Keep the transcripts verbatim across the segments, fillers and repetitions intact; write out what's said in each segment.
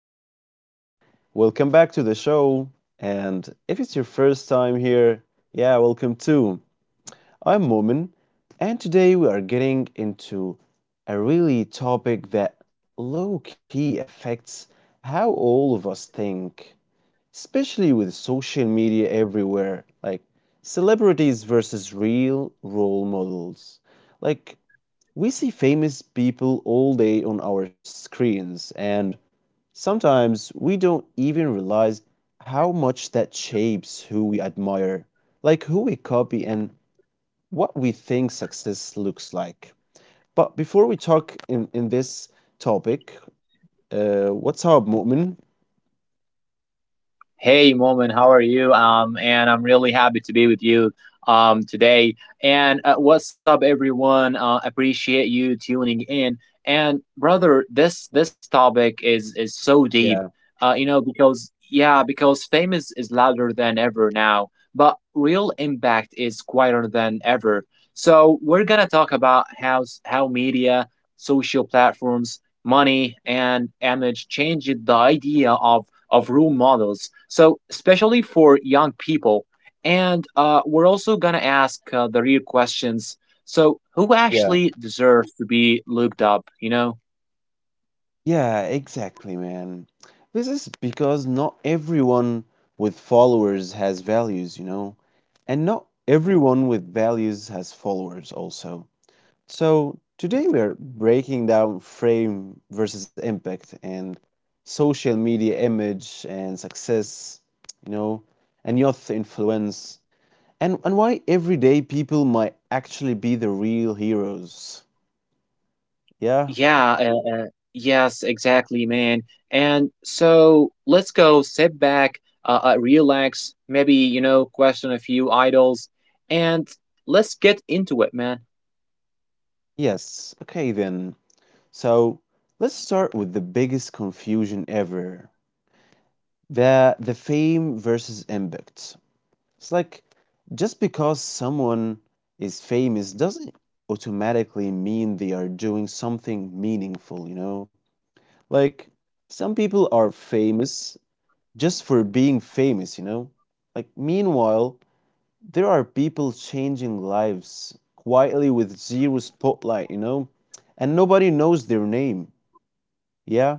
what's up? Welcome back to the show. And if it's your first time here, yeah, welcome too. I'm Momin, and today we are getting into a really topic that low key affects how all of us think, especially with social media everywhere, like celebrities versus real role models. Like, we see famous people all day on our screens, and sometimes we don't even realize how much that shapes who we admire, like who we copy, and what we think success looks like. But before we talk in, in this topic, uh, what's up, Mu'min? Hey, Moment, how are you? Um, and I'm really happy to be with you um, today. And uh, what's up, everyone? Uh, appreciate you tuning in. And brother, this this topic is is so Yeah, deep. Uh, you know, because yeah, because fame is, is louder than ever now, but real impact is quieter than ever. So we're gonna talk about how s- how media, social platforms, money, and image changed the idea of of role models. So, especially for young people. And uh, we're also going to ask uh, the real questions. So, who yeah. actually deserves to be looked up, you know? Yeah, exactly, man. This is because not everyone with followers has values, you know, and not everyone with values has followers also. So, today we're breaking down frame versus impact and social media image and success, you know, and youth influence and and why everyday people might actually be the real heroes. Yeah? Yeah, uh, uh, yes, exactly, man. And so, let's go sit back, uh, uh, relax, maybe, you know, question a few idols, and let's get into it, man. Yes. Okay then. So let's start with the biggest confusion ever the, the fame versus impact. It's like just because someone is famous doesn't automatically mean they are doing something meaningful, you know? Like some people are famous just for being famous, you know? Like, meanwhile, there are people changing lives quietly with zero spotlight, you know? And nobody knows their name. Yeah?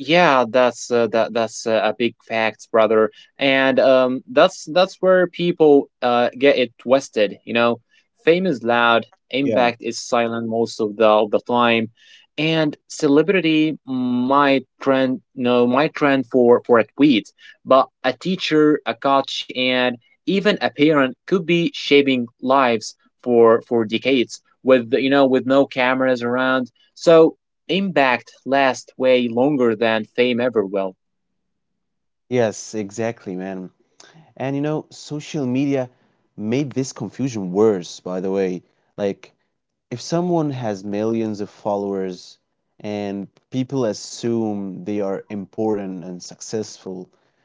Yeah, that's uh, that that's uh, a big fact, brother. And um, that's that's where people uh, get it twisted. You know, fame is loud, impact is silent most of the of the time, and celebrity might trend no might trend for for a tweet, but a teacher, a coach, and even a parent could be shaping lives for for decades with you know with no cameras around. So impact lasts way longer than fame ever will. Yes, exactly, man. And you know, social media made this confusion worse, by the way. Like, if someone has millions of followers and people assume they are important and successful,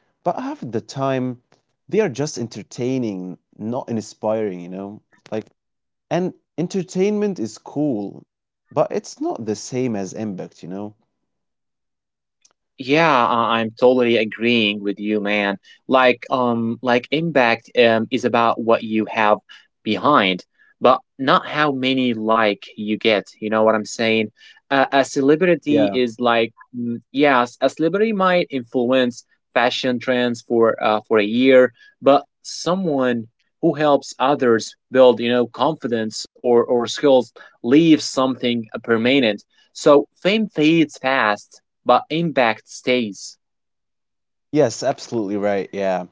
but half the time they are just entertaining, not inspiring, you know? Like, and entertainment is cool, but it's not the same as impact, you know? Yeah, I- I'm totally agreeing with you, man. Like, um, like impact um is about what you have behind, but not how many like you get. You know what I'm saying? Uh, a celebrity Yeah. is like, mm, yes, a celebrity might influence fashion trends for uh for a year, but someone who helps others build, you know, confidence or or skills leaves something uh, permanent. So fame fades fast but impact stays. Yes, absolutely right. Yeah.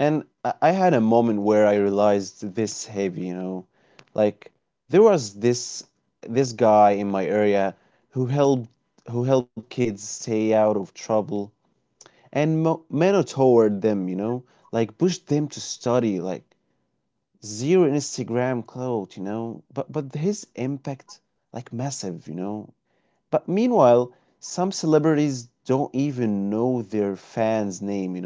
And I I had a moment where I realized this heavy, you know, like there was this this guy in my area who helped who helped kids stay out of trouble and mo- mentor them, you know, like pushed them to study, like zero Instagram clout, you know, but but his impact like massive, you know. But meanwhile, some celebrities don't even know their fans' name, you know.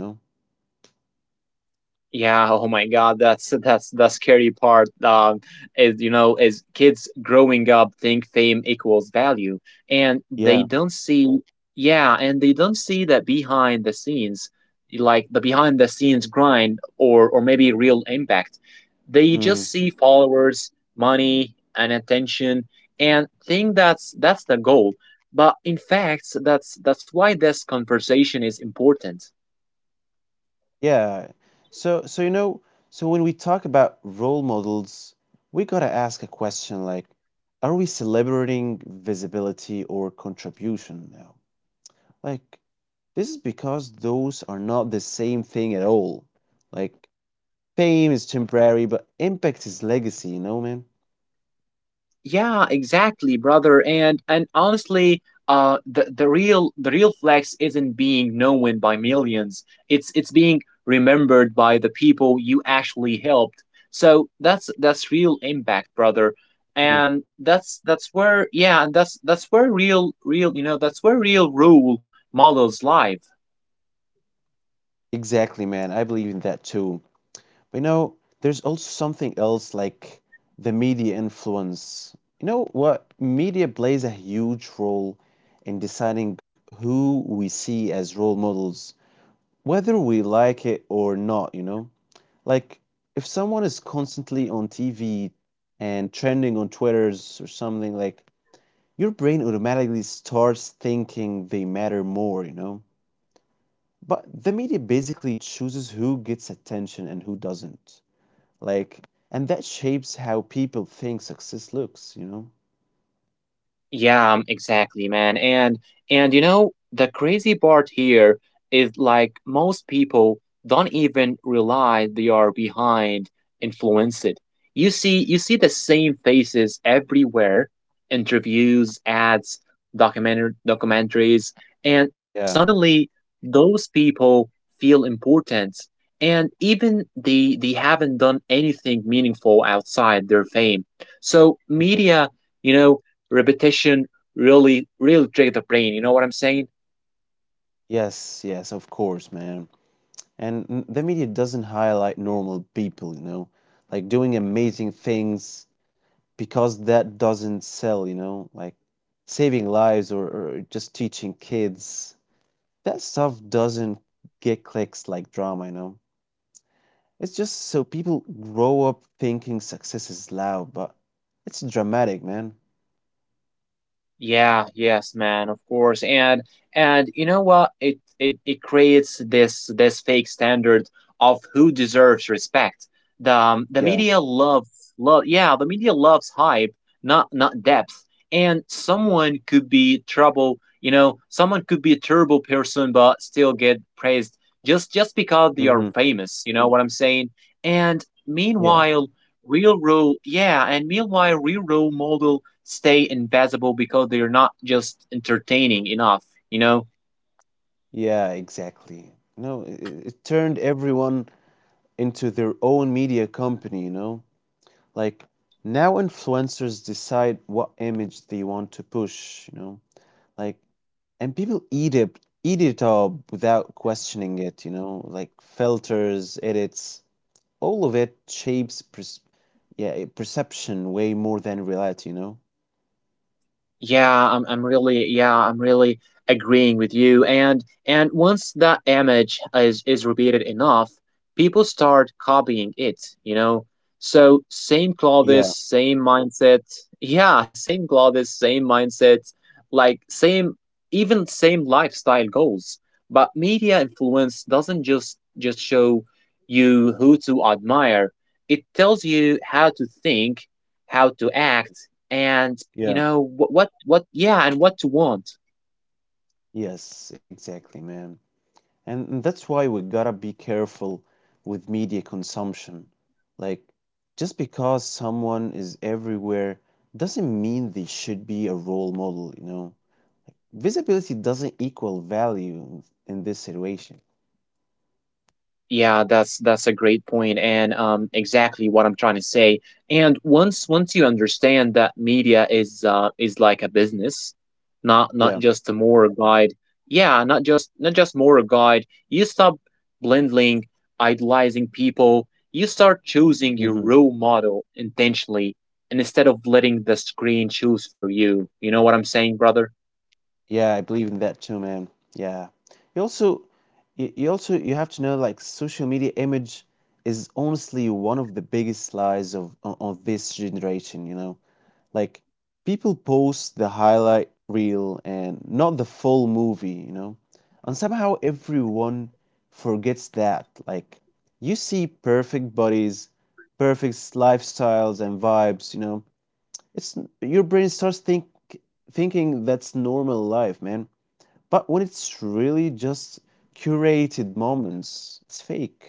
Yeah, oh my God, that's that's the scary part. Um, is you know, is kids growing up think fame equals value, and they Yeah. don't see, yeah, and they don't see that behind the scenes, like the behind the scenes grind or or maybe real impact. They just Mhm. see followers, money, and attention, and think that's that's the goal. But in fact, that's that's why this conversation is important. Yeah. So so you know, so when we talk about role models, we gotta ask a question like, are we celebrating visibility or contribution now? Like, this is because those are not the same thing at all. Like, fame is temporary, but impact is legacy, you know, man? Yeah, exactly, brother. And and honestly, uh, the the real the real flex isn't being known by millions. It's it's being remembered by the people you actually helped. So that's that's real impact, brother. Mm. And that's that's where yeah, and that's that's where real real you know that's where real role models live. Exactly, man. I believe in that too. But you know, there's also something else like the media influence. You know what? Media plays a huge role in deciding who we see as role models, whether we like it or not, you know? Like, if someone is constantly on T V and trending on Twitter's or something, like, your brain automatically starts thinking they matter more, you know? But the media basically chooses who gets attention and who doesn't. Like, and that shapes how people think success looks, you know? Yeah, um, exactly, man. And and you know, the crazy part here is like most people don't even realize they are behind influenced. You see you see the same faces everywhere, interviews, ads, documentary documentaries, and Yeah. suddenly those people feel important. And even they they haven't done anything meaningful outside their fame. So Mhm. media you know, repetition really really trick the brain you know what I'm saying. Yes, yes, of course, man. And n- the media doesn't highlight normal people, you know, like doing amazing things because that doesn't sell, you know, like saving lives or, or just teaching kids. That stuff doesn't get clicks like drama, you know. It's just so people grow up thinking success is loud, but it's dramatic, man. Yeah, yes, man, of course. And and you know what? It it it creates this this fake standard of who deserves respect. The um, the Yeah. media loves love yeah, the media loves hype, not not depth. And someone could be trouble, you know, someone could be a terrible person but still get praised just just because Mm-hmm. they are famous, you know what I'm saying? And meanwhile, Real row, yeah, and meanwhile, real row models stay invisible because they're not just entertaining enough, you know? Yeah, exactly. No, it, it turned everyone into their own media company, you know? Like, now influencers decide what image they want to push, you know? Like, and people eat it, eat it up without questioning it, you know? Like, filters, edits, all of it shapes pers- yeah, perception way more than reality, you know? Yeah, I'm I'm really yeah, I'm really agreeing with you. And and once that image is is repeated enough, people start copying it, you know? So same clothes, Yeah, same mindset. Yeah, same clothes, same mindset, like same even same lifestyle goals. But media influence doesn't just just show you who to admire. It tells you how to think, how to act, and you yeah. know what what what yeah and what to want. Yes, exactly, man. And and that's why we gotta be careful with media consumption. Like, just because someone is everywhere doesn't mean they should be a role model, you know? Visibility doesn't equal value in, in this situation. Yeah, that's that's a great point and um exactly what I'm trying to say. And once once you understand that media is uh is like a business, not not Yeah. just a moral guide, yeah not just not just moral guide you stop blending idolizing people. You start choosing your Hmm. role model intentionally, and instead of letting the screen choose for you. You know what I'm saying, brother? Yeah, I believe in that too, man. Yeah. You also, you, you also, you have to know like social media image is honestly one of the biggest lies of, of, of this generation, you know? Like people post the highlight reel and not the full movie, you know? And somehow everyone forgets that. Like, you see perfect bodies, perfect lifestyles and vibes, you know? It's your brain starts think thinking that's normal life, man. But when it's really just curated moments, it's fake.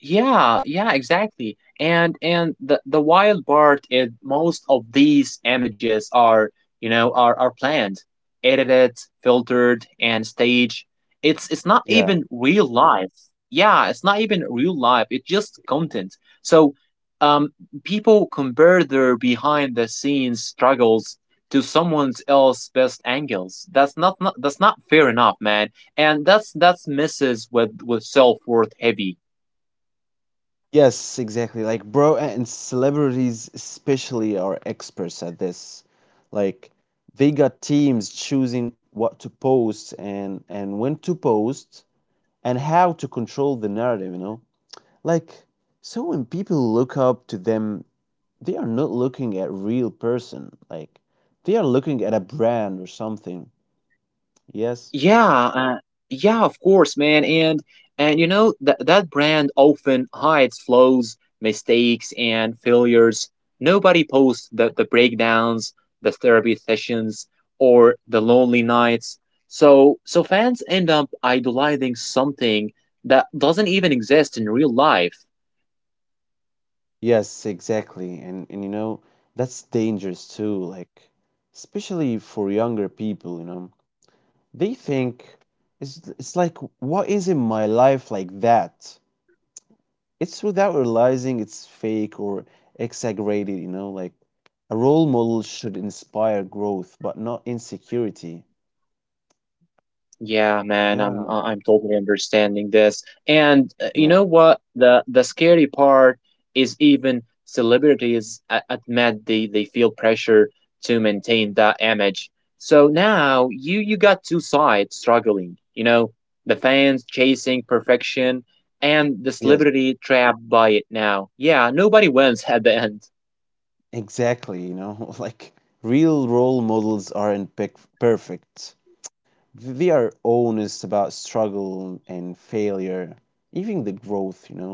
Yeah, yeah, exactly. And and the the wild part is most of these images are, you know, are are planned, edited, filtered, and staged. It's it's not Yeah. even real life. Yeah, it's not even real life. It's just content. So, um, people compare their behind the scenes struggles to someone else's best angles. That's not, not that's not fair enough, man. And that's that's messes with with self worth heavy. Yes, exactly. Like, bro, and celebrities especially are experts at this. Like, they got teams choosing what to post and and when to post and how to control the narrative, you know? Like, so when people look up to them, they are not looking at real person. Like, they are looking at a brand or something. Yes. Yeah, uh, yeah, of course, man. And and you know that that brand often hides flaws, mistakes, and failures. Nobody posts the the breakdowns, the therapy sessions, or the lonely nights. So so fans end up idolizing something that doesn't even exist in real life. Yes, exactly. And and you know, that's dangerous too, like especially for younger people, you know. They think it's it's like what is in my life like that? It's without realizing it's fake or exaggerated, you know, like a role model should inspire growth but not insecurity. Yeah, man, Yeah, I'm I- I'm totally understanding this. And uh, yeah. you know what? The the scary part is even celebrities a- admit they they feel pressure to maintain that image. So now you you got two sides struggling. You know, the fans chasing perfection and the Yes, celebrity trapped by it now. Yeah, nobody wins at the end. exactly, you know, like real role models aren't pic- perfect. Th- They are honest about struggle and failure, even the growth, you know.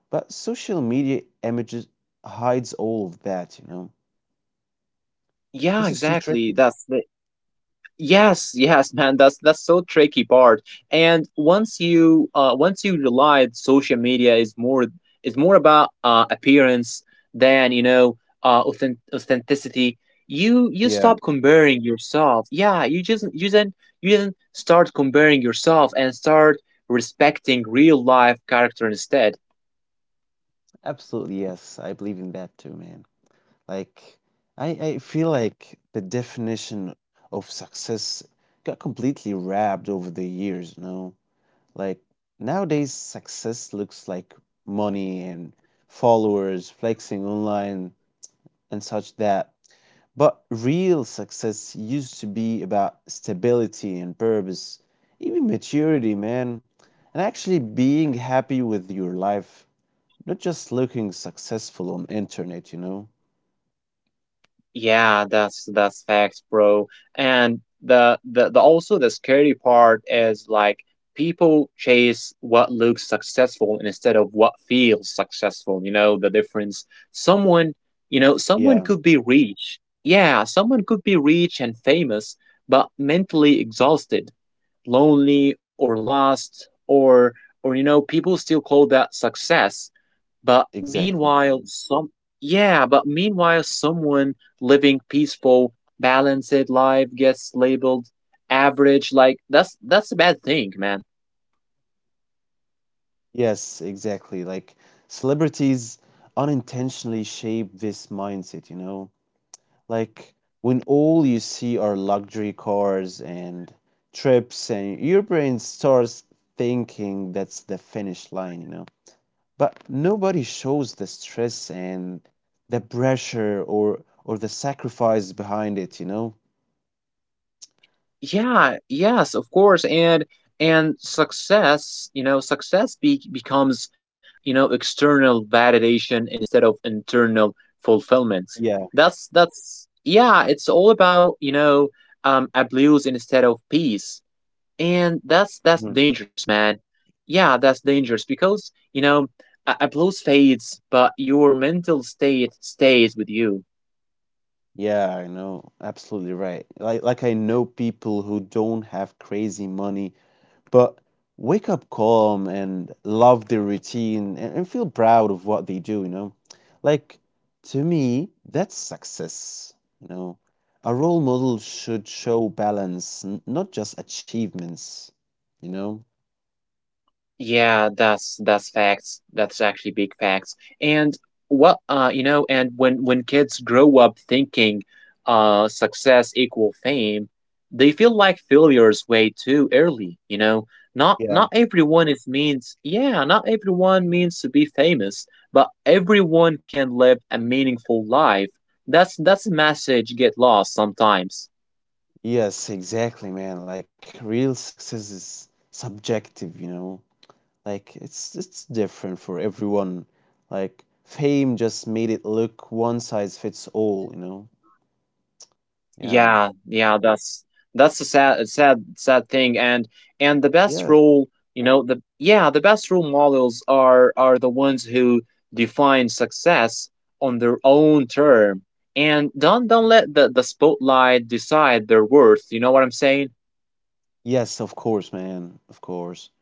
But social media images hides all of that, you know. Yeah, This is too exactly. tricky. That's yes, yes, man. That's that's so tricky part. And once you uh once you realize social media is more is more about uh appearance than you know uh authen- authenticity, you you Yeah, stop comparing yourself. Yeah, you just you then you then start comparing yourself and start respecting real life character instead. absolutely. Yes, I believe in that too, man. Like, I, I feel like the definition of success got completely wrapped over the years, you know? Like, nowadays, success looks like money and followers, flexing online, and such that. But real success used to be about stability and purpose, even maturity, man and actually being happy with your life. Not just looking successful on internet, you know? Yeah, that's that's facts, bro. And the, the the also the scary part is like people chase what looks successful instead of what feels successful. You know the difference. Someone, you know, someone could Yeah, be rich. Yeah, someone could be rich and famous, but mentally exhausted, lonely, or lost, or or you know, people still call that success. But exactly. meanwhile, some yeah, but meanwhile, someone living peaceful, balanced life gets labeled average. Like that's that's a bad thing, man. Yes, exactly. Like celebrities unintentionally shape this mindset, you know? Like when all you see are luxury cars and trips and your brain starts thinking that's the finish line, you know? But nobody shows the stress and the pressure or or the sacrifice behind it, you know? Yeah, yes, of course, and and success, you know, success be- becomes you know external validation instead of internal fulfillment. Yeah. That's that's yeah, it's all about you know um abuse instead of peace. And that's that's dangerous, man. Yeah, that's dangerous because you know a, a blues fades, but your mental state stays with you. Yeah, I know. Absolutely right. Like like I know people who don't have crazy money, but wake up calm and love their routine and, and feel proud of what they do, you know? Like to me, that's success, you know. A role model should show balance, n- not just achievements, you know? Yeah, that's that's facts. That's actually big facts. And what uh you know, and when when kids grow up thinking uh success equal fame, they feel like failures way too early, you know. Not Yeah. not everyone is means yeah, not everyone means to be famous, but everyone can live a meaningful life. That's that's a message get lost sometimes. Yes, exactly, man. Like real success is subjective, you know. Like it's it's different for everyone. Like fame just made it look one size fits all, you know? Yeah, Yeah. yeah, that's that's a sad, sad, sad thing. And and the best Yeah. role, you know, the yeah, the best role models are are the ones who define success on their own term. And don't don't let the the spotlight decide their worth. You know what I'm saying? Yes, of course, man. Of course.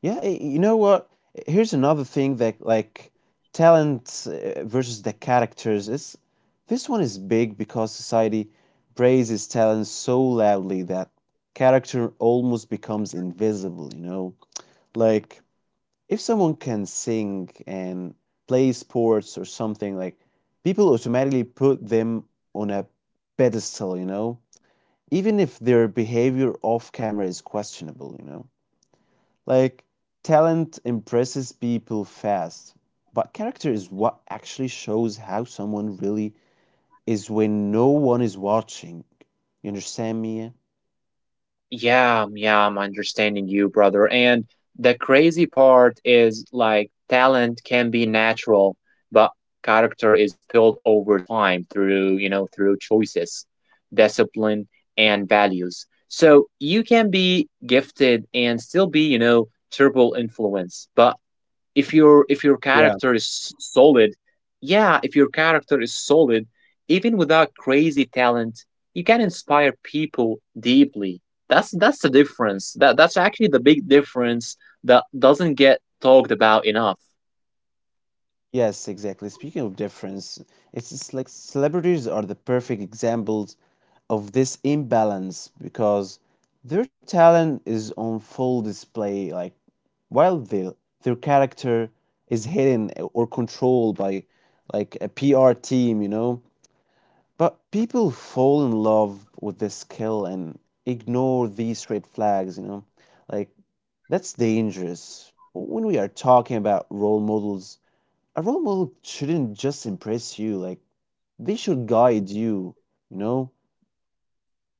Yeah, y- you know what? Here's another thing that like talent uh, versus the characters. It's this one is big because society praises talent so loudly that character almost becomes invisible, you know? Like if someone can sing and play sports or something like people automatically put them on a pedestal, you know, even if their behavior off camera is questionable, you know, like talent impresses people fast but character is what actually shows how someone really is when no one is watching. You understand me? Yeah, um, yeah, I'm understanding you, brother. And the crazy part is like talent can be natural, but character is built over time through, you know, through choices, discipline, and values. So you can be gifted and still be, you know, terrible influence, but if your if your Yeah. character is solid, yeah, if your character is solid, even without crazy talent, you can inspire people deeply. That's that's the difference. That that's actually the big difference that doesn't get talked about enough. Yes, exactly. Speaking of difference, it's just like celebrities are the perfect examples of this imbalance because their talent is on full display like while they, their character is hidden or controlled by like a P R team, you know. But people fall in love with this skill and ignore these red flags, you know. Like that's dangerous. When we are talking about role models, a role model shouldn't just impress you, like they should guide you, you know?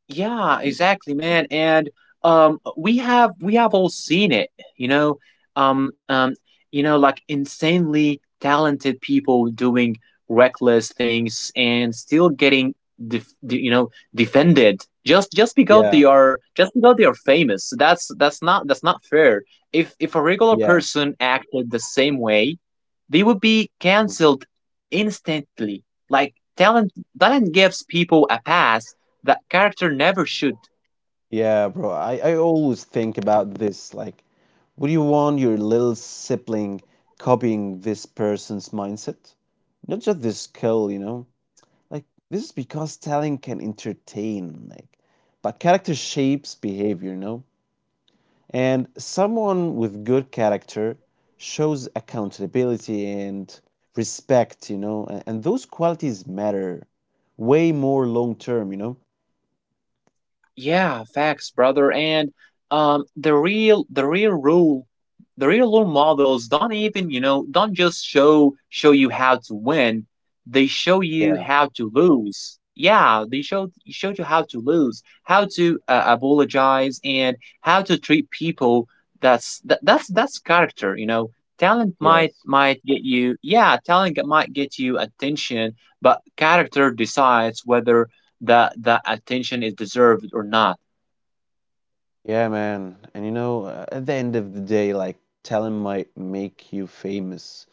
Yeah, exactly, man. And um, we have we have all seen it, you know, um, um, you know, like insanely talented people doing reckless things and still getting, def de- you know, defended just just because Yeah, they are just because they are famous. That's that's not that's not fair. If if a regular yeah. person acted the same way, they would be Mhm. canceled instantly. Like talent talent gives people a pass that character never should. Yeah, bro. I, I always think about this. Like, would you want your little sibling copying this person's mindset? Not just this skill, you know? Like, this is because talent can entertain, like, but character shapes behavior, you know? And someone with good character shows accountability and respect, you know? And, and those qualities matter way more long term, you know? Yeah, facts, brother. And um, the real the real rule the real role models don't even you know don't just show show you how to win. They show you Yeah, how to lose. Yeah, they show show you how to lose, how to uh, apologize, and how to treat people. That's that, that's that's character. You know, talent might yes. might get you. Yeah, talent might get you attention, but character decides whether that that attention is deserved or not. Yeah, man. And you know, uh, at the end of the day, like talent might make you famous,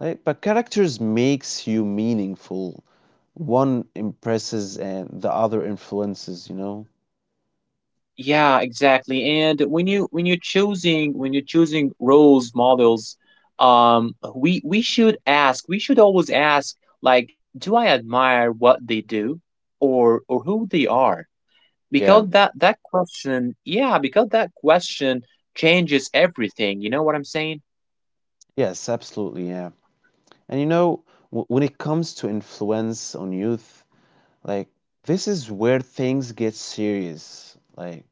like, but characters makes you meaningful. One impresses and the other influences, you know? Yeah, exactly. And when you when you're choosing when you're choosing roles models, um, we we should ask we should always ask like, do I admire what they do or or who they are? Yeah. Because that that question, yeah, because that question changes everything. You know what I'm saying? Yes, absolutely. Yeah. And you know, w when it comes to influence on youth, like this is where things get serious. Like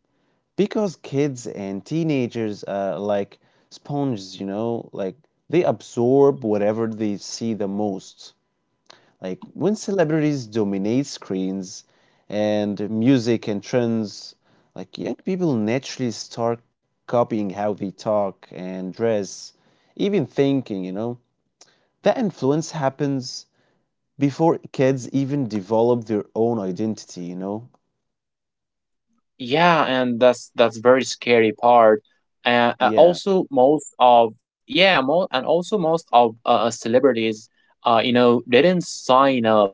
because kids and teenagers are like sponges, you know, like they absorb whatever they see the most. Like when celebrities dominate screens and music and trends, like young people naturally start copying how they talk and dress, even thinking, you know. That influence happens before kids even develop their own identity, you know? Yeah, and that's that's very scary part. And uh, Yeah. also most of yeah, mo and also most of uh, uh, celebrities, uh, you know, didn't sign up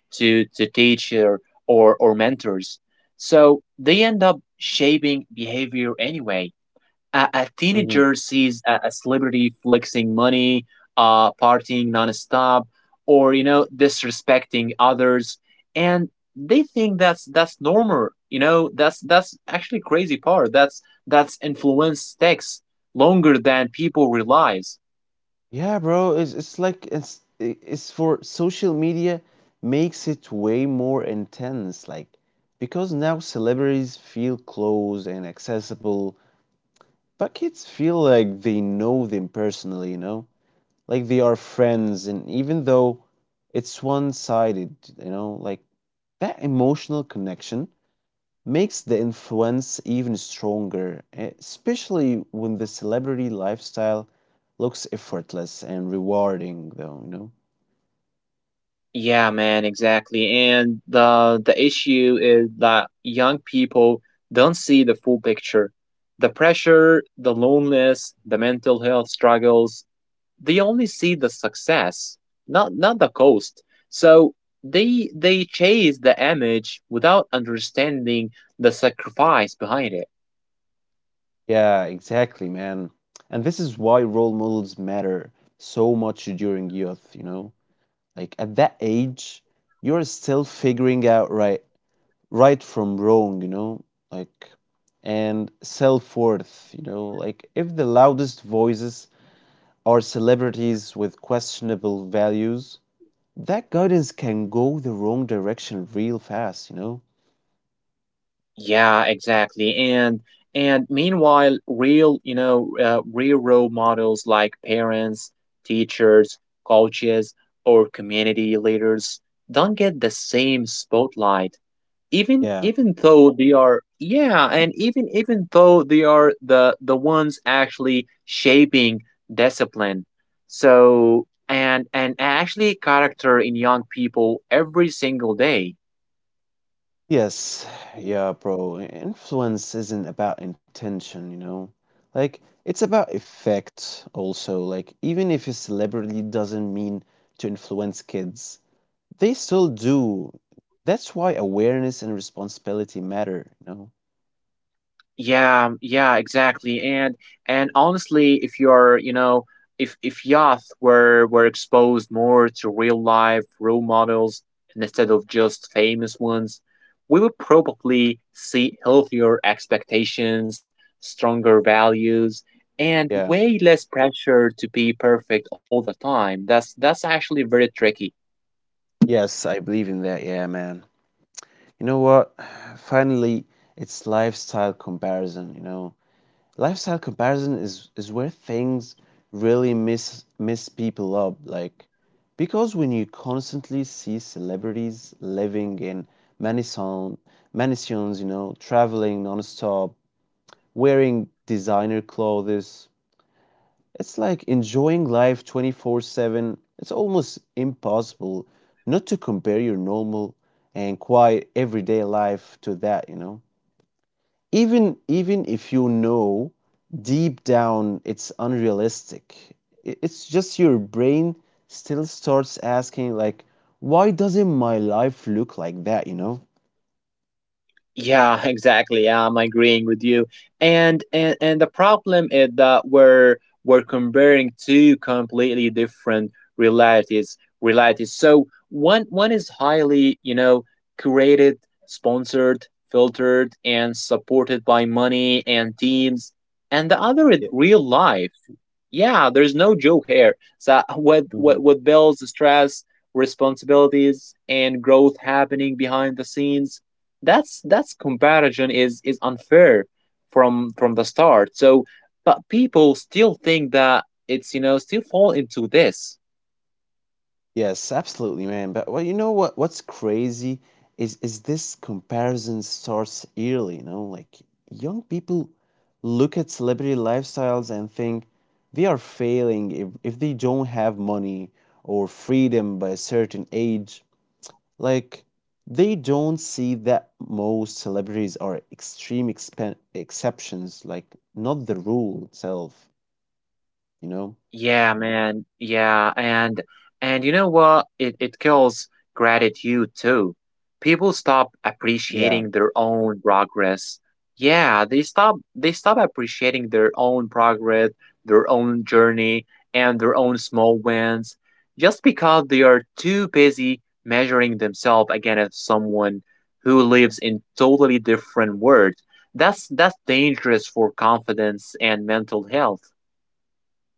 to to teacher or or mentors, so they end up shaping behavior anyway. A, a teenager sees a, a celebrity flexing money, uh, partying nonstop, or, you know, disrespecting others, and they think that's that's normal. You know, that's that's actually crazy part. That's that's influence sticks longer than people realize. Yeah, bro, it's it's like it's i- it's for social media makes it way more intense, like because now celebrities feel close and accessible, but kids feel like they know them personally, you know? Like they are friends, and even though it's one-sided, you know, like that emotional connection makes the influence even stronger, eh, especially when the celebrity lifestyle looks effortless and rewarding, though, you know? Yeah, man, exactly. And the the issue is that young people don't see the full picture. The pressure, the loneliness, the mental health struggles, they only see the success, not not the cost. So they they chase the image without understanding the sacrifice behind it. Yeah, exactly, man. And this is why role models matter so much during youth, you know? Like at that age, you're still figuring out right right from wrong, you know? Like and self-worth, you know? Like if the loudest voices are celebrities with questionable values, that guidance can go the wrong direction real fast, you know? Yeah, exactly. And and meanwhile, real, you know, uh, real role models like parents, teachers, coaches, or community leaders don't get the same spotlight. Even Yeah. even though they are, yeah, and even even though they are the the ones actually shaping discipline. So and and actually character in young people every single day. Yes. Yeah, bro. Influence isn't about intention, you know? Like, it's about effect also. Like, even if a celebrity doesn't mean to influence kids, they still do. That's why awareness and responsibility matter, you know? Yeah, yeah, exactly. And and honestly, if you're, you know, if if youth were were exposed more to real life role models instead of just famous ones, we would probably see healthier expectations, stronger values, and Yeah. way less pressure to be perfect all the time. That's that's actually very tricky. Yes, I believe in that. Yeah, man. You know what? Finally, it's lifestyle comparison, you know? Lifestyle comparison is is where things really mess mess people up. Like because when you constantly see celebrities living in mansion mansions, you know, traveling nonstop, wearing designer clothes, it's like enjoying life twenty-four seven. It's almost impossible not to compare your normal and quiet everyday life to that, you know, even even if you know deep down it's unrealistic. I- it's just your brain still starts asking, like, why doesn't my life look like that, you know? Yeah, exactly. Yeah, I'm agreeing with you. And and and the problem is that we're we're comparing two completely different realities realities. So one one is highly, you know, curated, sponsored, filtered, and supported by money and teams, and the other is Yeah. real life. Yeah, there's no joke here. So with Hmm. with, with bills, stress, responsibilities, and growth happening behind the scenes, that's that's comparison is is unfair from from the start. So, but people still think that it's, you know, still fall into this. Yes, absolutely, man. But well, you know, what what's crazy is is this comparison starts early, you know? Like young people look at celebrity lifestyles and think they are failing if, if they don't have money or freedom by a certain age. Like they don't see that most celebrities are extreme expen exceptions, like not the rule itself, you know? Yeah, man. Yeah, and and you know what? It it kills gratitude too. People stop Yeah, appreciating their own progress. Yeah, they stop they stop appreciating their own progress, their own journey, and their own small wins just because they are too busy measuring themselves against someone who lives in totally different world. That's that's dangerous for confidence and mental health.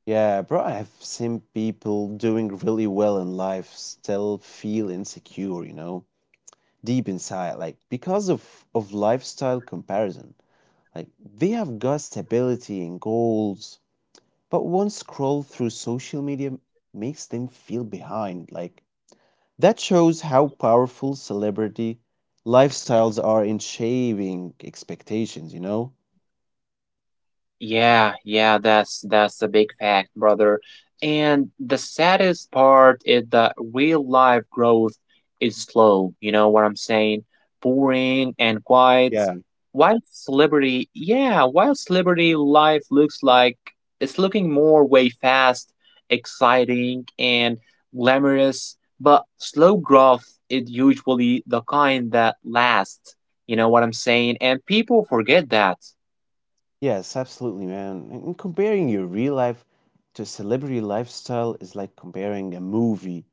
yeah, bro. I have seen people doing really well in life still feel insecure, you know, deep inside, like because of of lifestyle comparison. Like they have got stability and goals, but one scroll through social media makes them feel behind, like. That shows how powerful celebrity lifestyles are in shaping expectations, you know? Yeah, yeah, that's that's a big fact, brother. And the saddest part is that real life growth is slow, you know what I'm saying? Boring and quiet. Yeah. While celebrity, yeah, while celebrity life looks like it's looking more way fast, exciting and glamorous, but slow growth is usually the kind that lasts, you know what I'm saying? And people forget that. Yes, absolutely, man. And and comparing your real life to a celebrity lifestyle is like comparing a movie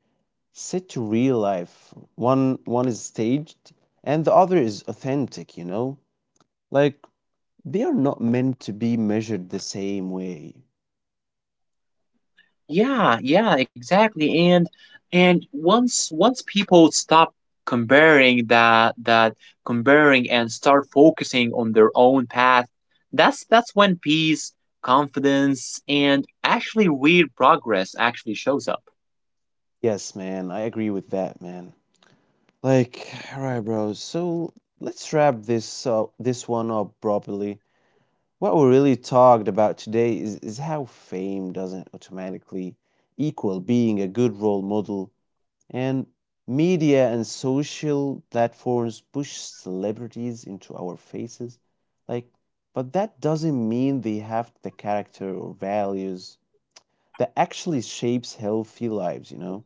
set to real life. One one is staged and the other is authentic, you know? Like they are not meant to be measured the same way. Yeah, yeah, exactly. And and once once people stop comparing that that comparing and start focusing on their own path, that's that's when peace, confidence, and actually real progress actually shows up. Yes, man, I agree with that, man. Like, alright, bro. So let's wrap this up, this one up properly. What we really talked about today is, is how fame doesn't automatically equal being a good role model, and media and social platforms push celebrities into our faces. Like, but that doesn't mean they have the character or values that actually shapes healthy lives, you know?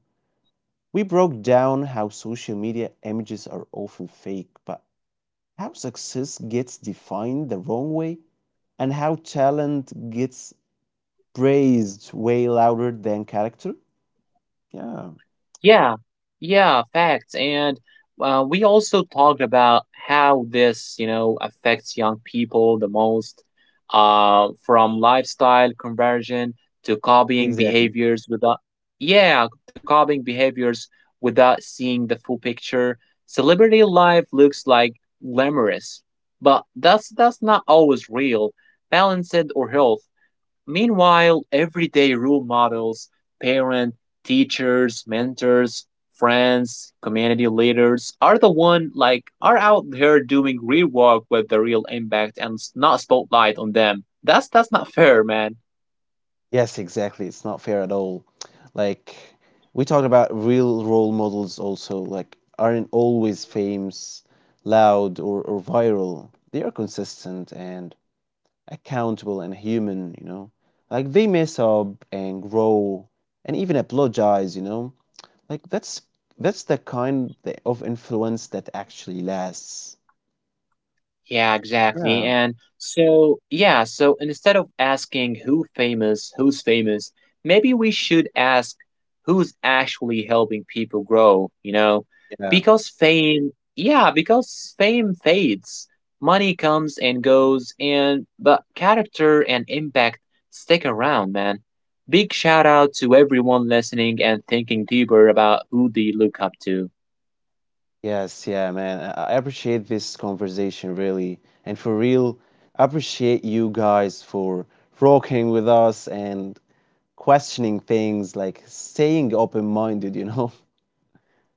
We broke down how social media images are often fake, but how success gets defined the wrong way and how talent gets praised way louder than character. Yeah, Yeah, yeah, facts. And uh, we also talked about how this, you know, affects young people the most, uh, from lifestyle conversion to copying exactly. behaviors without, yeah, to copying behaviors without seeing the full picture. Celebrity life looks like glamorous, but that's that's not always real, balanced or health. Meanwhile, everyday role models, parents, teachers, mentors, friends, community leaders are the one like are out here doing real work with the real impact and s- not spotlight on them. That's that's not fair, man. Yes, exactly. It's not fair at all. Like, we talked about real role models also, like, aren't always famous, loud, or, or viral. They are consistent and accountable and human, you know. Like they mess up and grow and even apologize, you know. Like that's that's the kind th- of influence that actually lasts. Yeah, exactly. Yeah, And so, yeah, so instead of asking who famous, who's famous, maybe we should ask who's actually helping people grow, you know? yeah. Because fame, yeah, because fame fades. Money comes and goes, and but character and impact stick around, man. Big shout out to everyone listening and thinking deeper about who they look up to. Yes, yeah, man. I I appreciate this conversation really. And for real, I appreciate you guys for rocking with us and questioning things, like staying open-minded, you know.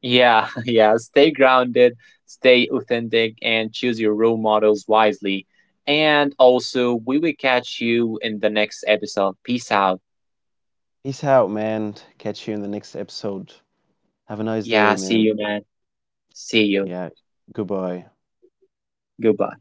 Yeah, yeah. Stay grounded, stay authentic, and choose your role models wisely. And also, we will catch you in the next episode. Peace out. Peace out, man. Catch you in the next episode. Have a nice Yeah, day, see you, man. man. See you. Yeah, goodbye. Goodbye.